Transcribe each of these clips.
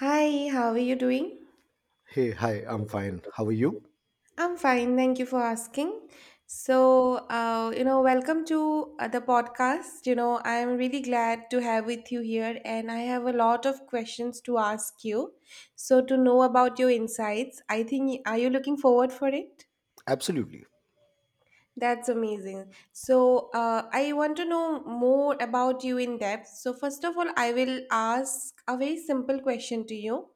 Hi, how are you doing? Hey, hi, I'm fine. How are you? I'm fine, thank you for asking. Welcome to the podcast. I'm really glad to have with you here, and I have a lot of questions to ask you. So, to know about your insights, I think, are you looking forward for it? Absolutely. That's amazing. So, I want to know more about you in depth. So, first of all, I will ask a very simple question to you.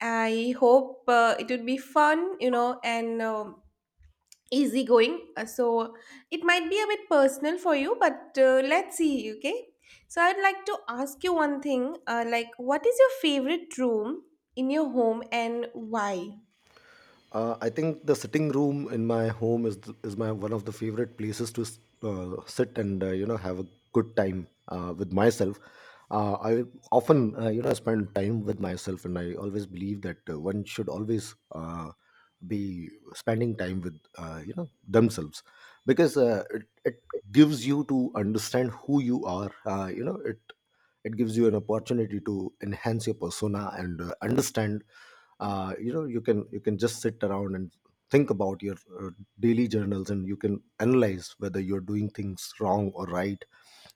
I hope it would be fun, you know, and easygoing. So it might be a bit personal for you, but let's see, okay? So I'd like to ask you one thing what is your favorite room in your home and why? I think the sitting room in my home is my one of the favorite places to sit and have a good time with myself. I often spend time with myself, and I always believe that one should always be spending time with themselves because it gives you to understand who you are. It gives you an opportunity to enhance your persona and understand you can just sit around and think about your daily journals, and you can analyze whether you're doing things wrong or right,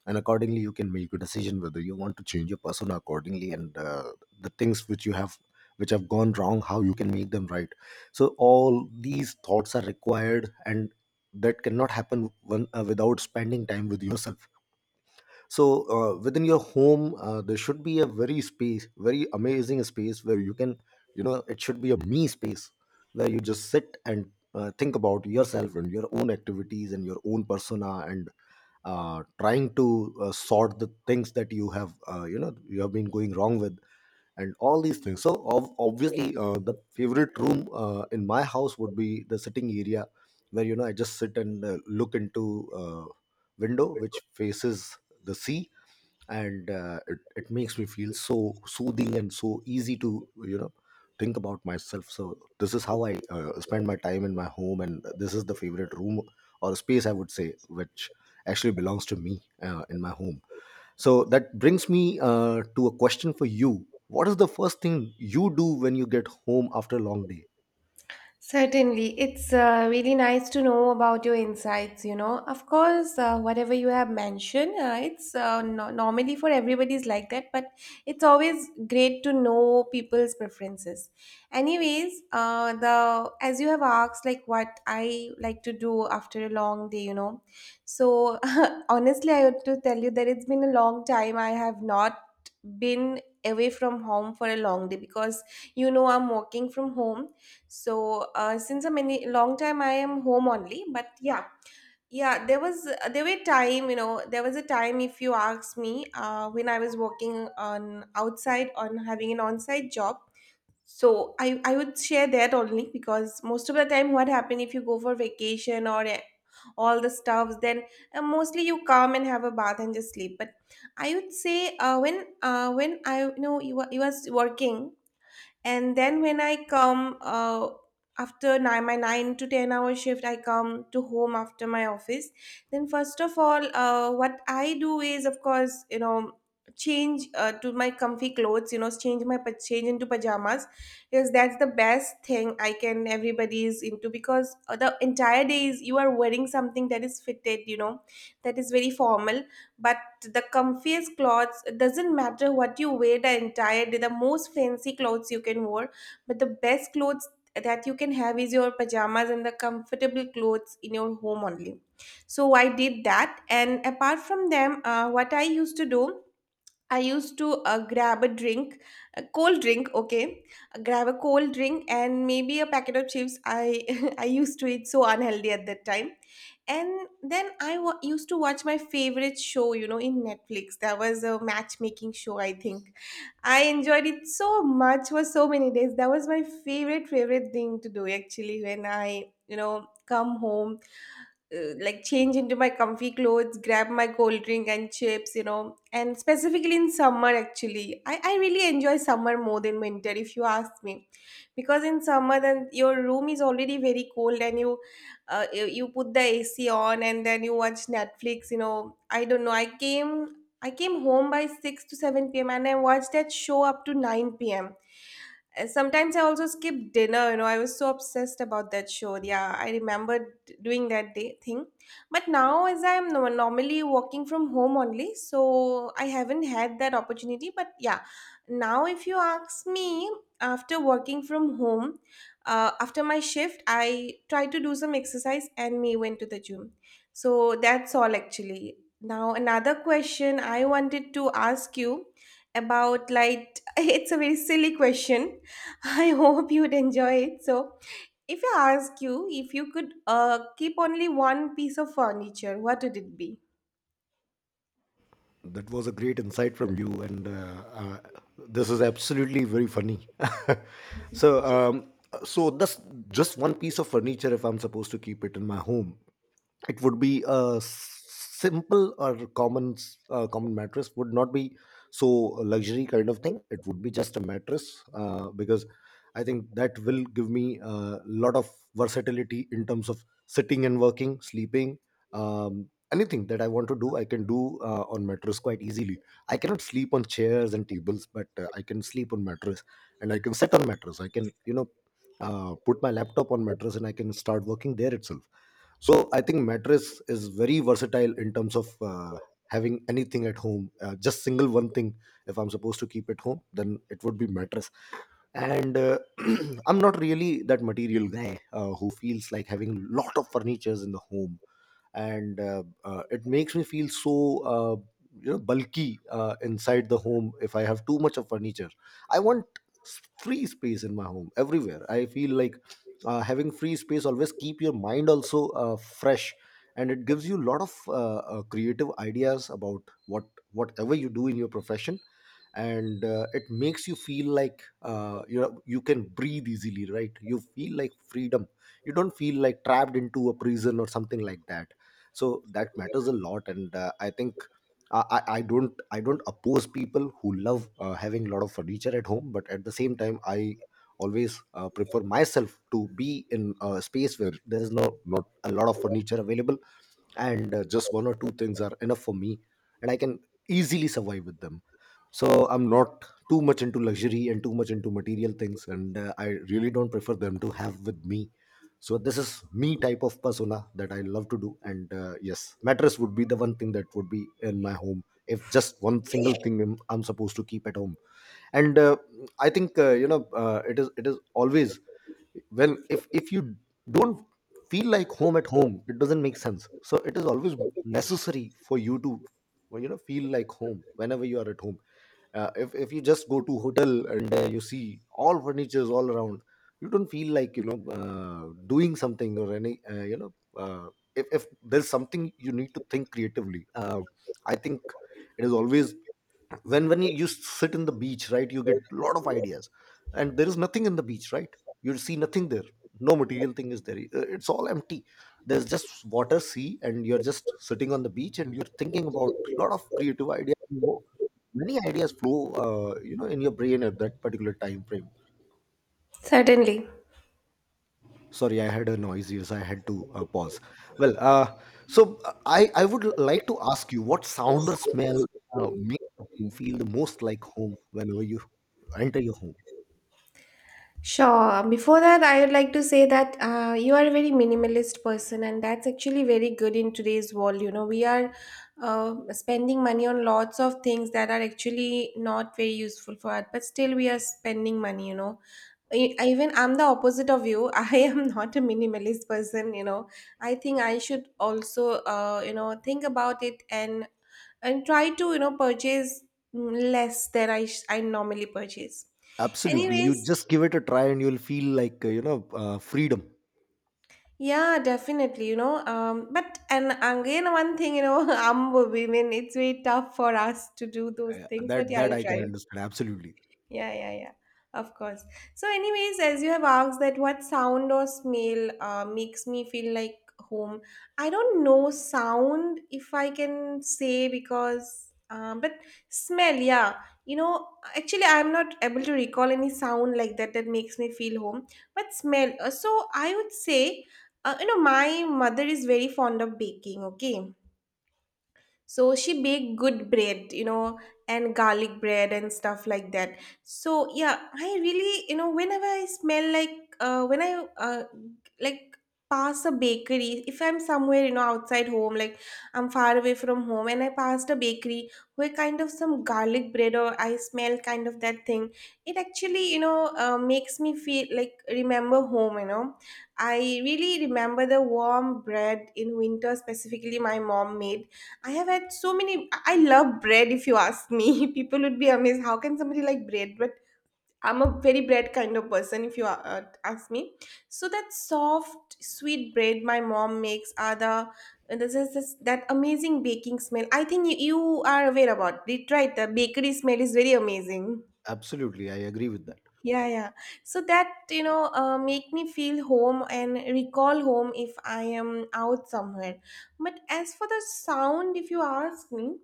and accordingly you can make a decision whether you want to change your persona accordingly. And the things which you have which have gone wrong, how you can make them right, so all these thoughts are required. And that cannot happen without spending time with yourself. So within your home there should be a very space very amazing space where you can, you know, it should be a me space where you just sit and think about yourself and your own activities and your own persona, and trying to sort the things that you have been going wrong with, and all these things. So obviously the favorite room in my house would be the sitting area, where, you know, I just sit and look into window which faces the sea. And it makes me feel so soothing and so easy to, you know, think about myself. So this is how I spend my time in my home, and this is the favorite room or space, I would say, which actually belongs to me in my home. So that brings me to a question for you: what is the first thing you do when you get home after a long day? Certainly. It's really nice to know about your insights. Of course, whatever you have mentioned, it's normally for everybody's like that, but it's always great to know people's preferences. Anyways, the as you have asked, like what I like to do after a long day. So honestly, I have to tell you that it's been a long time I have not been away from home for a long day because I'm working from home, so since a many long time I am home only, but yeah, yeah, there was there were time, there was a time, if you ask me, when I was working on outside on having an on-site job. So I would share that only because most of the time what happen, if you go for vacation or all the stuffs, then mostly you come and have a bath and just sleep. But I would say when I, you were you was working, and then when I come after nine, my 9 to 10 hour shift, I come to home after my office, then first of all what I do is, of course, change to my comfy clothes, change my change into pajamas, because that's the best thing I can everybody is into, because the entire day is you are wearing something that is fitted, that is very formal, but the comfiest clothes, it doesn't matter what you wear the entire day, the most fancy clothes you can wear, but the best clothes that you can have is your pajamas and the comfortable clothes in your home only. So I did that, and apart from them, what I used to do, I used to grab a drink, a cold drink, okay? Grab a cold drink and maybe a packet of chips. I I used to eat so unhealthy at that time. And then used to watch my favorite show, you know, in Netflix. That was a matchmaking show, I think. I enjoyed it so much for so many days. That was my favorite, favorite thing to do, actually, when I, you know, come home, like change into my comfy clothes, grab my cold drink and chips, you know. And specifically in summer, actually, I really enjoy summer more than winter, if you ask me, because in summer then your room is already very cold, and you put the AC on and then you watch Netflix, you know. I don't know. I came home by six to seven p.m. and I watched that show up to nine p.m. Sometimes I also skip dinner. You know, I was so obsessed about that show. Yeah, I remembered doing that day thing. But now, as I'm normally working from home only, so I haven't had that opportunity. But yeah, now if you ask me, after working from home, after my shift, I try to do some exercise and me went to the gym. So that's all actually. Now, another question I wanted to ask you about, like, it's a very silly question. I hope you'd enjoy it. So, if I ask you, if you could keep only one piece of furniture, what would it be? That was a great insight from you, and this is absolutely very funny. So, that's just one piece of furniture. If I'm supposed to keep it in my home, it would be a simple or common common mattress. Would not be so luxury kind of thing, it would be just a mattress, because I think that will give me a lot of versatility in terms of sitting and working, sleeping. Anything that I want to do, I can do on mattress quite easily. I cannot sleep on chairs and tables, but I can sleep on mattress, and I can sit on mattress. I can, you know, put my laptop on mattress and I can start working there itself. So I think mattress is very versatile in terms of having anything at home. Just single one thing. If I'm supposed to keep at home, then it would be mattress. And I'm not really that material guy who feels like having lot of furnitures in the home. And it makes me feel so bulky inside the home if I have too much of furniture. I want free space in my home everywhere. I feel like having free space always keep your mind also fresh, and it gives you a lot of creative ideas about whatever you do in your profession. And it makes you feel like, you know, you can breathe easily, right? You feel like freedom. You don't feel like trapped into a prison or something like that. So that matters a lot. And I think I don't, oppose people who love having a lot of furniture at home, but at the same time I always prefer myself to be in a space where there is not a lot of furniture available. And just one or two things are enough for me, and I can easily survive with them. So I'm not too much into luxury and too much into material things, and I really don't prefer them to have with me. So this is me type of persona that I love to do. And yes, mattress would be the one thing that would be in my home if just one single thing I'm supposed to keep at home. And I think, it is always, well, if you don't feel like home at home, it doesn't make sense. So it is always necessary for you to, well, you know, feel like home whenever you are at home. If you just go to hotel and you see all furnitures all around, you don't feel like, you know, doing something or any, if there's something you need to think creatively, I think it is always, when you sit in the beach, right, you get a lot of ideas. And there is nothing in the beach, right? You see nothing there. No material thing is there. It's all empty. There's just water, sea, and you're just sitting on the beach and you're thinking about a lot of creative ideas. You know, many ideas flow, in your brain at that particular time frame. Certainly. Sorry, I had a noise. Yes, I had to pause. Well, I would like to ask you, what sound or smell makes a home feel the most like home whenever you enter your home? Sure. Before that, I would like to say that you are a very minimalist person, and that's actually very good in today's world. You know, we are spending money on lots of things that are actually not very useful for us, but still we are spending money, you know. Even I'm the opposite of you. I am not a minimalist person, you know. I think I should also, think about it and try to, you know, purchase less than I normally purchase. Absolutely, you Anyways, just give it a try and you'll feel like, freedom. yeah, definitely, you know. But and again, one thing, you know, women, it's very tough for us to do those Uh, things. But that yeah, that I'll i can try. understand, absolutely. Yeah, yeah, yeah. Of course. So, anyways, as you have asked that what sound or smell makes me feel like home, I don't know sound if I can say because, but smell, yeah. You know, actually, I'm not able to recall any sound like that that makes me feel home, but smell. I would say, my mother is very fond of baking, okay? So she baked good bread, you know, and garlic bread and stuff like that. So yeah, I really, you know, whenever I smell like when I like pass a bakery, if I'm somewhere, you know, outside home, like I'm far away from home, and I passed a bakery where kind of some garlic bread or I smell kind of that thing, it actually, you know, makes me feel like remember home, you know. I really remember the warm bread in winter, specifically my mom made. I have had so many. I love bread, if you ask me. People would be amazed. How can somebody like bread? But I'm a very bread kind of person, if you ask me. So that soft, sweet bread my mom makes are the. And this is this, that amazing baking smell. I think you are aware about it, right? The bakery smell is very amazing. Absolutely, I agree with that. Yeah, yeah. So that, you know, make me feel home and recall home if I am out somewhere. But as for the sound, if you ask me,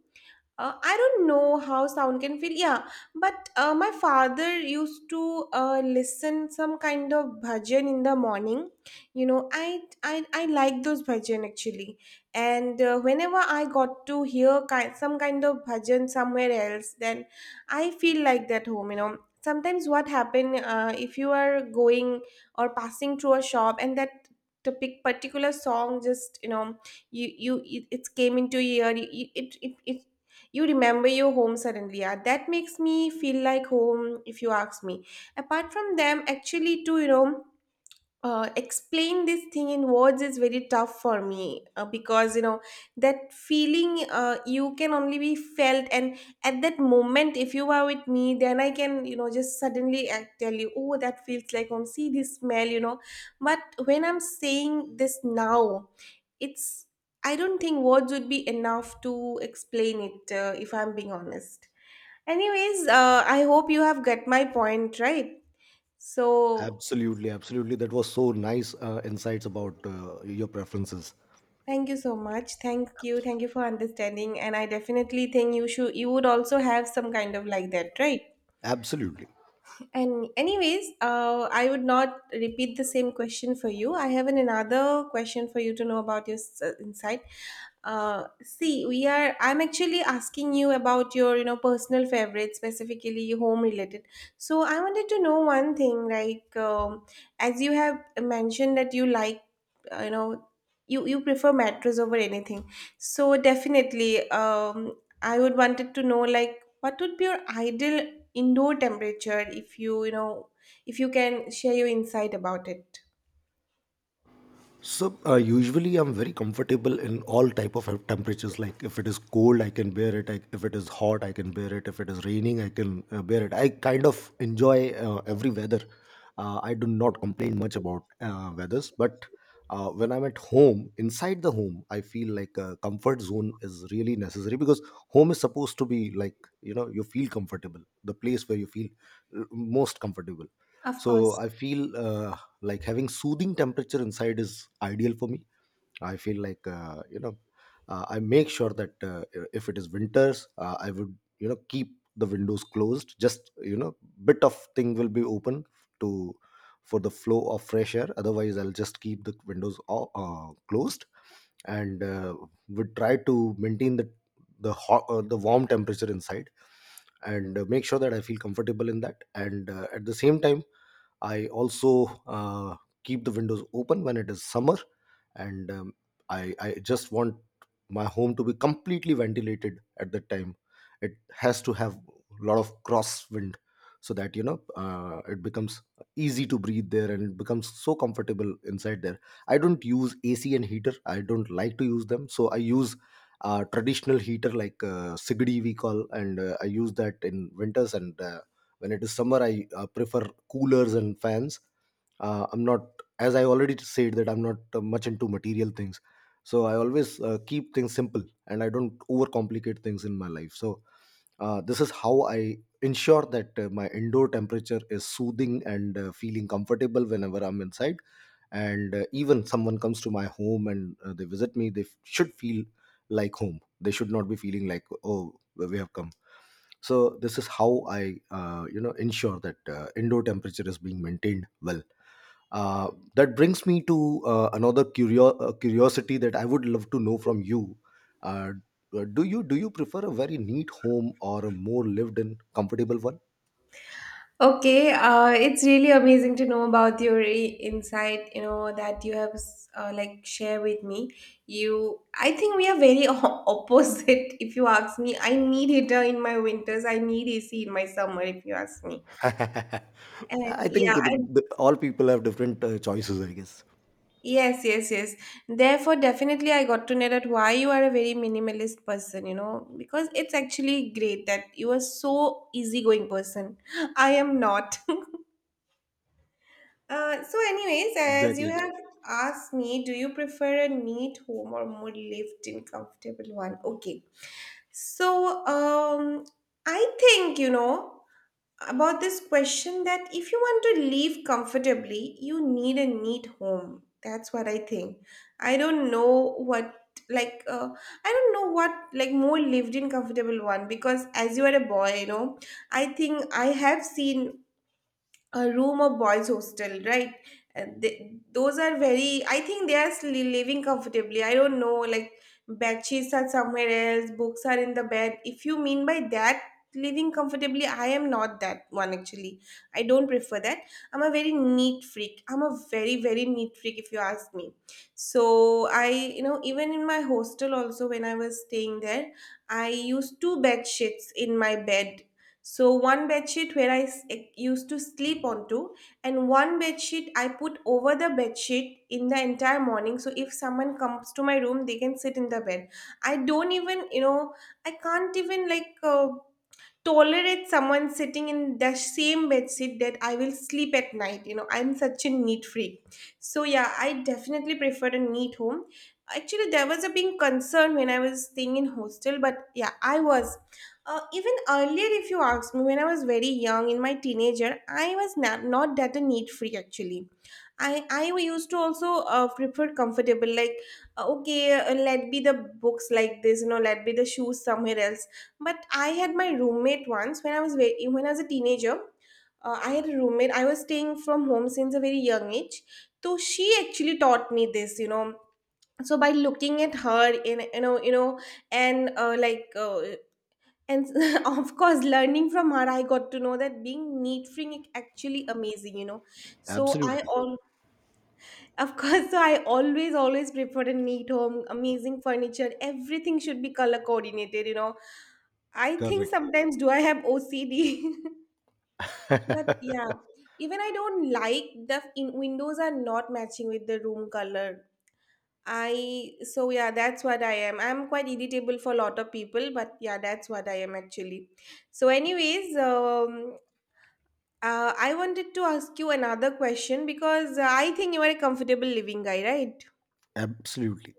I don't know how sound can feel. Yeah, but my father used to listen some kind of bhajan in the morning. You know, I like those bhajan actually. And whenever I got to hear some kind of bhajan somewhere else, then I feel like that home. You know, sometimes what happen, if you are going or passing through a shop, and particular song just, you know, it came into your ear, it you remember your home suddenly. Yeah, that makes me feel like home, if you ask me. Apart from them, actually, too, you know, explain this thing in words is very tough for me, because you know that feeling, you can only be felt, and at that moment if you are with me, then I can, you know, just suddenly tell you, oh, that feels like home, see this smell, you know. But when I'm saying this now, it's, I don't think words would be enough to explain it, if I'm being honest. Anyways, I hope you have got my point right. So Absolutely, absolutely. That was so nice insights about your preferences. thank you so much. Thank you. Thank you for understanding. And I definitely think you would also have some kind of like that, right? Absolutely. And anyways, I would not repeat the same question for you. I have an, another question for you to know about your insight. See, we are. I'm actually asking you about your, you know, personal favorites, specifically home related. So I wanted to know one thing, like, as you have mentioned that you like, uh, you know, you you prefer mattress over anything. So definitely, I would wanted to know, like, what would be your ideal indoor temperature, if you, you know, if you can share your insight about it. So usually I'm very comfortable in all type of temperatures. Like if it is cold, I can bear it. If it is hot, I can bear it. If it is raining, I can bear it. I kind of enjoy every weather. I do not complain much about weathers, but when I'm at home, inside the home, I feel like a comfort zone is really necessary because home is supposed to be like, you know, you feel comfortable, the place where you feel most comfortable. Of So course. I feel like having soothing temperature inside is ideal for me. I feel like, I make sure that if it is winters, I would, you know, keep the windows closed, just, you know, bit of thing will be open to, for the flow of fresh air. Otherwise, I'll just keep the windows closed. And would try to maintain the hot, the warm temperature inside. And make sure that I feel comfortable in that. And at the same time, I also keep the windows open when it is summer. And I just want my home to be completely ventilated at that time. It has to have a lot of crosswind so that, you know, it becomes easy to breathe there, and it becomes so comfortable inside there. I don't use AC and heater. I don't like to use them, so I use traditional heater like Sigdi, we call, and I use that in winters. And when it is summer, I prefer coolers and fans. I'm not, as I already said, that I'm not much into material things. So I always keep things simple, and I don't overcomplicate things in my life. So this is how I ensure that my indoor temperature is soothing and feeling comfortable whenever I'm inside. And even someone comes to my home and they visit me, they should feel like home. They should not be feeling like, oh, we have come. So this is how I ensure that indoor temperature is being maintained well. Uh, that brings me to another curiosity that I would love to know from you. uh, do you prefer a very neat home or a more lived in comfortable one? Okay, it's really amazing to know about your insight, you know, that you have like share with me. You, I think we are very opposite. If you ask me, I need heater in my winters. I need AC in my summer. If you ask me, and I yeah, think I all people have different choices, I guess. yes, yes, yes. Therefore, definitely, I got to know that why you are a very minimalist person, you know, because it's actually great that you are so easygoing person. I am not. Anyways, as you Exactly. have asked me, do you prefer a neat home or more lived-in, comfortable one? Okay. So, I think you know about this question that if you want to live comfortably, you need a neat home. That's what I think. I don't know what like I don't know what like more lived in comfortable one because as you are a boy, you know, I think I have seen a room or boys hostel, right, and they, those are very, I think they are living comfortably. I don't know, like bed sheets are somewhere else, books are in the bed. If you mean by that living comfortably, I am not that one actually. I don't prefer that. I'm a very neat freak. I'm a very, very neat freak, if you ask me. So I, you know, even in my hostel also, when I was staying there, I used two bed sheets in my bed. So one bed sheet where I used to sleep onto, and one bed sheet I put over the bed sheet in the entire morning. So if someone comes to my room, they can sit in the bed. I don't even, you know, I can't even like tolerate someone sitting in the same bed sheet that I will sleep at night. You know, I'm such a neat freak. So yeah, I definitely prefer a neat home. Actually, there was a big concern when I was staying in hostel, but yeah, I was. Even earlier, if you ask me, when I was very young, in my teenager, I was not that a neat freak actually. I used to also prefer comfortable, like okay, let be the books like this, you know, let be the shoes somewhere else, but I had my roommate once when I was very, when I was a teenager. I had a roommate. I was staying from home since a very young age. So she actually taught me this, you know. So by looking at her, in you know, and like, and of course, learning from her, I got to know that being neat free is actually amazing, you know. So I Absolutely. al Of course, so I always, always preferred a neat home, amazing furniture. Everything should be color coordinated, you know. I think Correct. sometimes do I have OCD? But yeah, even I don't like the in windows are not matching with the room color. I so yeah, that's what I am. I'm quite irritable for a lot of people, but yeah, that's what I am actually. So, anyways, I wanted to ask you another question because I think you are a comfortable living guy, right? Absolutely.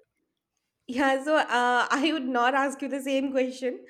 Yeah, so I would not ask you the same question.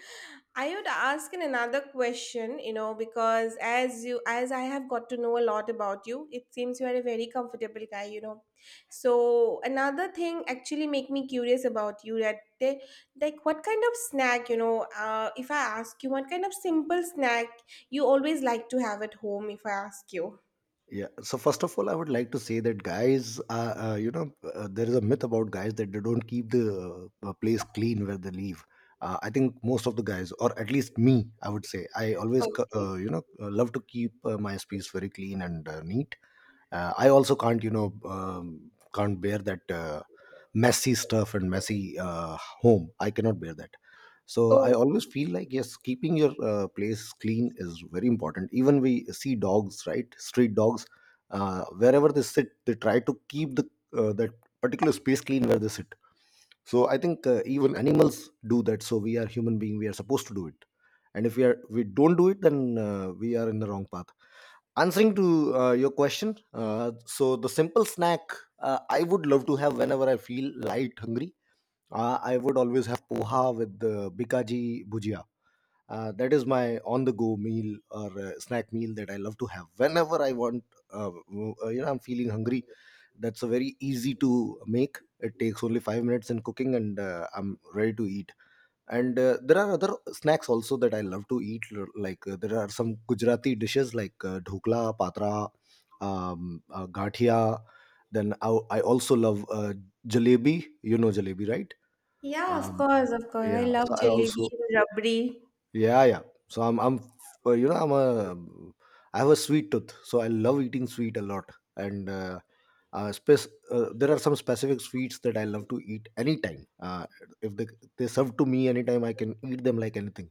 I would ask in another question, you know, because as you as I have got to know a lot about you, it seems you are a very comfortable guy, you know. So another thing actually make me curious about you that they, like what kind of snack, you know, if I ask you what kind of simple snack you always like to have at home, if I ask you. Yeah. So first of all, I would like to say that guys, there is a myth about guys that they don't keep the place clean where they leave. I think most of the guys, or at least me, I would say, I always, Okay. Love to keep my space very clean and neat. I also can't, can't bear that messy stuff and messy home. I cannot bear that, so I Oh, always feel like yes, keeping your place clean is very important. Even we see dogs, right, street dogs, wherever they sit they try to keep the that particular space clean where they sit. So I think even animals do that, so we are human being, we are supposed to do it. And if we don't do it, then we are in the wrong path. Answering to your question, so the simple snack I would love to have whenever I feel light hungry. I would always have poha with the bikaji bhujia. Uh, that is my on-the-go meal or snack meal that I love to have whenever I want. I'm feeling hungry. That's a very easy to make. It takes only 5 minutes in cooking, and I'm ready to eat. And there are other snacks also that I love to eat. Like there are some Gujarati dishes like dhokla, patra, gathia. Then I also love jalebi. You know jalebi, right? yeah, of Um, course, of course. I yeah. love So I jalebi also, and rabri. yeah, yeah. So I'm, you know, I'm a, I have a sweet tooth, so I love eating sweet a lot. And there are some specific sweets that I love to eat anytime. If they serve to me anytime, I can eat them like anything.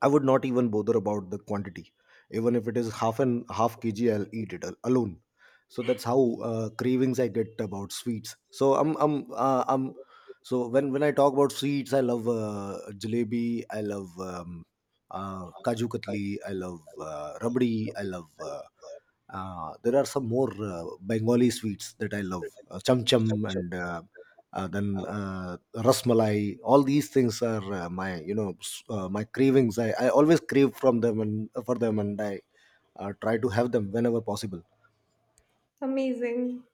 I would not even bother about the quantity. Even if it is half and half kg, I'll eat it alone. So that's how cravings I get about sweets. So when I talk about sweets, I love jalebi, I love kaju katli, I love rabdi, I love. There are some more Bengali sweets that I love, cham cham and then rasmalai. All these things are my, you know, my cravings. I always crave from them and for them, and I try to have them whenever possible. Amazing.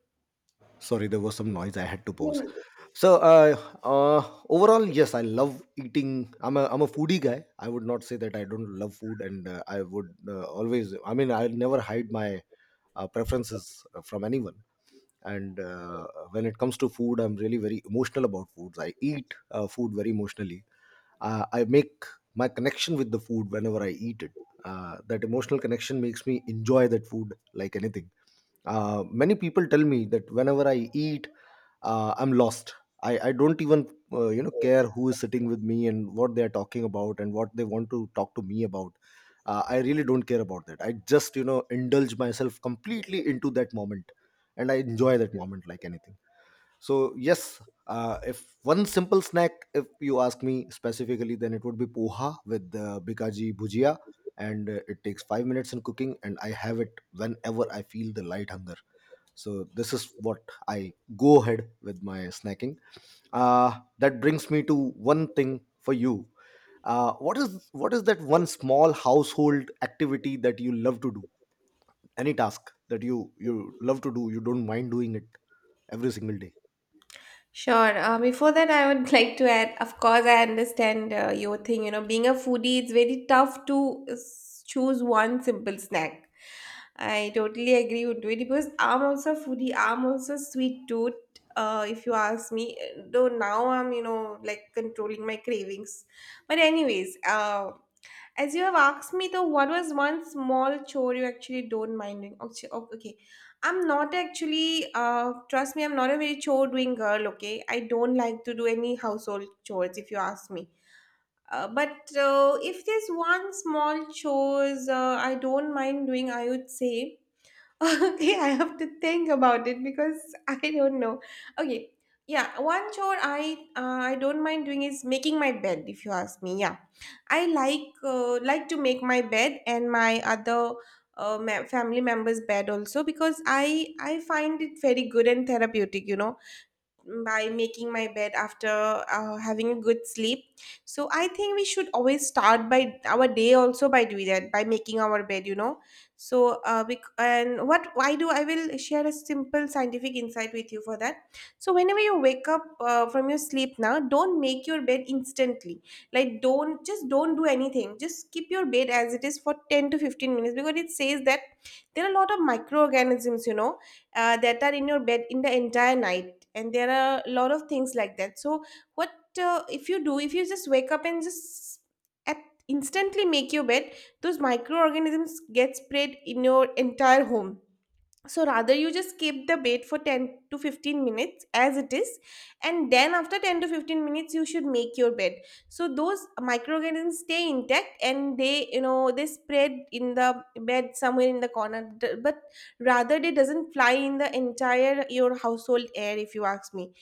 Sorry, there was some noise, I had to Yeah. pause. so uh, uh, Overall, yes, I love eating. I'm a foodie guy. I would not say that I don't love food, and I would always, I mean, I never hide my preferences from anyone. And when it comes to food, I'm really very emotional about foods. I eat food very emotionally. I make my connection with the food whenever I eat it. Uh, that emotional connection makes me enjoy that food like anything. Many people tell me that whenever I eat, I'm lost. I don't even care who is sitting with me and what they are talking about and what they want to talk to me about. I really don't care about that. I just, you know, indulge myself completely into that moment, and I enjoy that moment like anything. So yes, if one simple snack, if you ask me specifically, then it would be poha with bikaji bhujia, and it takes 5 minutes in cooking, and I have it whenever I feel the light hunger. So this is what I go ahead with my snacking. That brings me to one thing for you. What is that one small household activity that you love to do? Any task that you love to do, you don't mind doing it every single day. Sure. Before that, I would like to add, of course, I understand your thing. You know, being a foodie, it's very tough to choose one simple snack. I totally agree with you because I'm also a foodie. I'm also a sweet tooth. If you ask me, though now I'm, you know, like controlling my cravings. But anyways, as you have asked me though, what was one small chore you actually don't mind doing? Okay, oh, okay. I'm not actually, trust me, I'm not a very chore doing girl, okay? I don't like to do any household chores if you ask me. But if there's one small chores I don't mind doing, I would say okay, I have to think about it because I don't know. Okay, yeah, one chore I don't mind doing is making my bed. If you ask me, yeah, I like to make my bed and my other family members' bed also because I find it very good and therapeutic. You know, by making my bed after having a good sleep. So I think we should always start by our day also by doing that, by making our bed, you know. So uh, bec- and what why do i will share a simple scientific insight with you for that. So whenever you wake up from your sleep now, don't make your bed instantly. Like, don't just don't do anything, just keep your bed as it is for 10 to 15 minutes, because it says that there are a lot of microorganisms, you know, that are in your bed in the entire night, and there are a lot of things like that. So what uh, if you do, if you just wake up and just at instantly make your bed, those microorganisms get spread in your entire home. So rather, you just keep the bait for 10 to 15 minutes as it is, and then after 10 to 15 minutes you should make your bed. So those microorganisms stay intact and they, you know, they spread in the bed somewhere in the corner, but rather they doesn't fly in the entire your household air, if you ask me.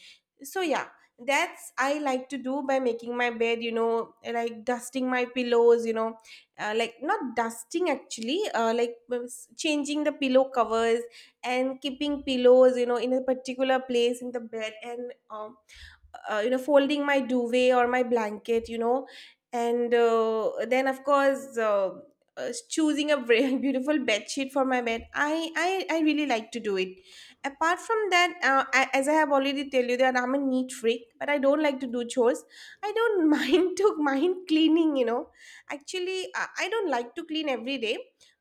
So yeah, that's I like to do by making my bed, you know, like dusting my pillows, you know, like not dusting actually, like, well, changing the pillow covers and keeping pillows, you know, in a particular place in the bed, and you know, folding my duvet or my blanket, you know. And then of course, choosing a very beautiful bed sheet for my bed, I really like to do it. Apart from that, as I have already tell you that I'm a neat freak but I don't like to do chores. I don't mind to mind cleaning, you know. Actually I don't like to clean every day,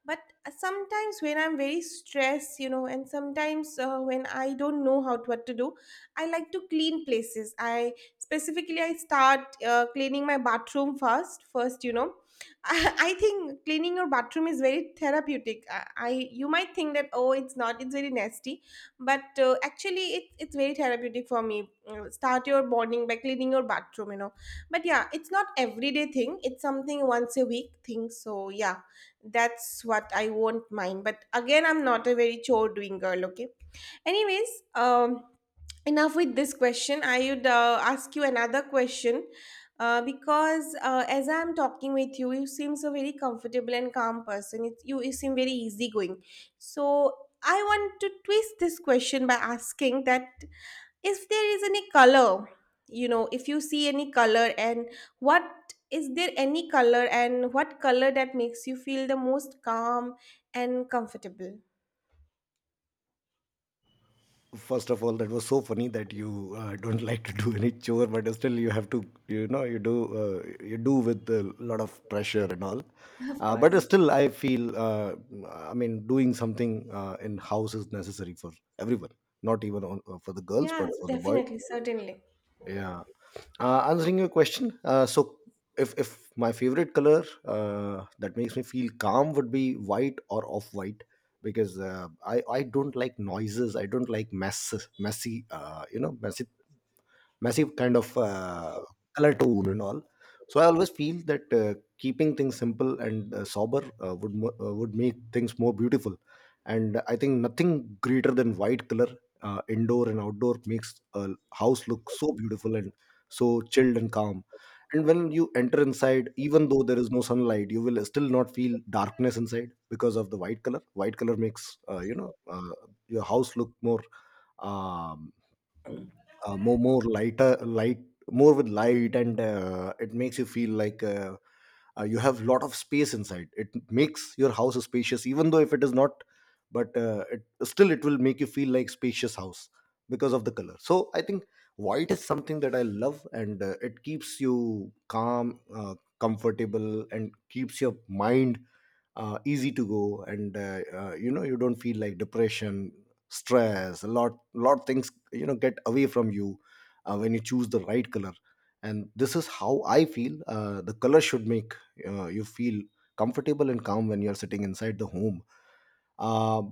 but sometimes when I'm very stressed, you know, and sometimes when I don't know how to, what to do, I like to clean places. I specifically I start cleaning my bathroom first. First, you know, I think cleaning your bathroom is very therapeutic. I you might think that, oh, it's not, it's very nasty, but actually it, it's very therapeutic for me. Start your morning by cleaning your bathroom, you know. But yeah, it's not everyday thing. It's something once a week thing. So yeah, that's what I won't mind. But again, I'm not a very chore doing girl. Okay. Anyways, um, enough with this question, I would ask you another question, because as I'm talking with you, you seem so very comfortable and calm person. It, you seem very easygoing. So I want to twist this question by asking that if there is any color, you know, if you see any color and what is there any color, and what color that makes you feel the most calm and comfortable. First of all, that was so funny that you don't like to do any chore, but still you have to, you know, you do, you do with a lot of pressure and all. Of But course. still I feel, I mean, doing something in house is necessary for everyone, not even on, for the girls, Yeah, but for the boys. definitely, certainly. Yeah. Answering your question, so if my favorite color that makes me feel calm would be white or off white, because I don't like noises. I don't like mess, messy, messy, massive kind of color tone and all. So I always feel that keeping things simple and sober would make things more beautiful. And I think nothing greater than white color, indoor and outdoor, makes a house look so beautiful and so chilled and calm. And when you enter inside, even though there is no sunlight, you will still not feel darkness inside because of the white color. White color makes, your house look more, um, more lighter, light, more with light, and it makes you feel like, you have lot of space inside. It makes your house spacious even though if it is not. But it still, it will make you feel like spacious house because of the color. So I think white is something that I love, and it keeps you calm, comfortable, and keeps your mind easy to go. And you don't feel like depression, stress, a lot things, you know, get away from you when you choose the right color. And this is how I feel the color should make you feel comfortable and calm when you're sitting inside the home. Um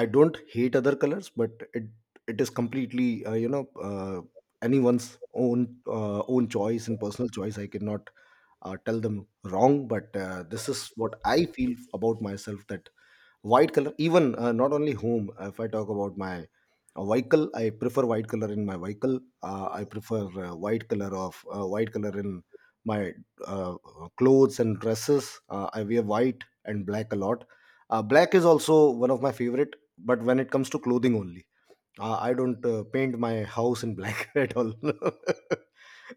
I don't hate other colors, but it is completely, uh, anyone's own, own choice and personal choice. I cannot tell them wrong, but this is what I feel about myself, that white color, even not only home. If I talk about my vehicle, I prefer white color in my vehicle. I prefer white color of white color in my uh, clothes and dresses. I wear white and black a lot. Black is also one of my favorite, but when it comes to clothing only. Uh, I don't paint my house in black at all.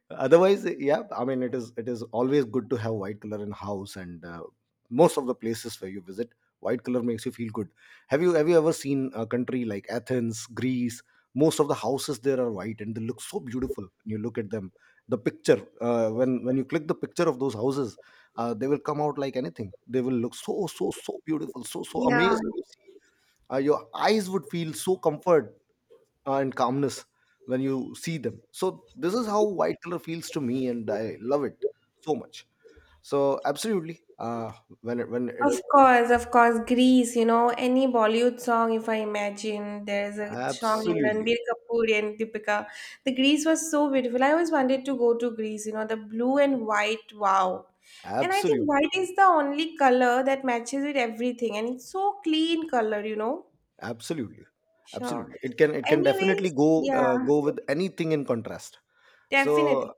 Otherwise, yeah, I mean, it is always good to have white color in house, and most of the places where you visit, white color makes you feel good. Have you ever seen a country like Athens, Greece? Most of the houses there are white, and they look so beautiful. When you look at them, the picture, when you click the picture of those houses, they will come out like anything. They will look so so so beautiful, so so Yeah. amazing to see. Your eyes would feel so comfort and calmness when you see them. So this is how white color feels to me, and I love it so much. So absolutely, uh, when it, when it Of course, Greece, you know, any Bollywood song, if I imagine, there's a song in Ranbir absolutely, Kapoor and Deepika. The Greece was so beautiful. I always wanted to go to Greece, you know, the blue and white, wow. And I think absolutely, white is the only color that matches with everything, and it's so clean color, you know. absolutely, Sure. absolutely, it can definitely Anyways, yeah, go with anything in contrast. definitely. So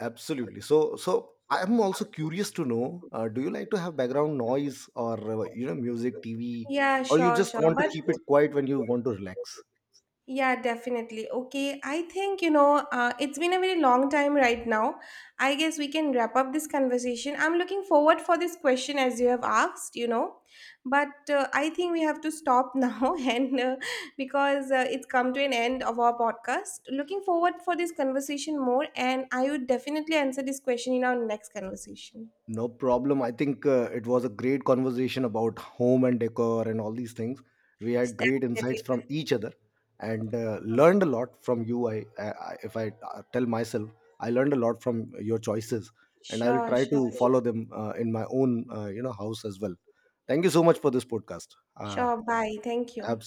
absolutely, so so. I'm also curious to know: do you like to have background noise, or, music, TV, Yeah, or you sure, just sure. want to But keep it quiet when you want to relax? yeah, definitely. Okay, I think, you know, it's been a very long time right now. I guess we can wrap up this conversation. I'm looking forward for this question as you have asked, you know, but I think we have to stop now, and because it's come to an end of our podcast. Looking forward for this conversation more, and I would definitely answer this question in our next conversation. No problem. I think it was a great conversation about home and decor and all these things. We had Definitely. great insights from Definitely. each other, and learned a lot from you. I- if I tell myself, I learned a lot from your choices, and I will Sure, try sure, to follow sure. them in my own, house as well. Thank you so much for this podcast. Uh, Sure, bye. Thank you. absolutely.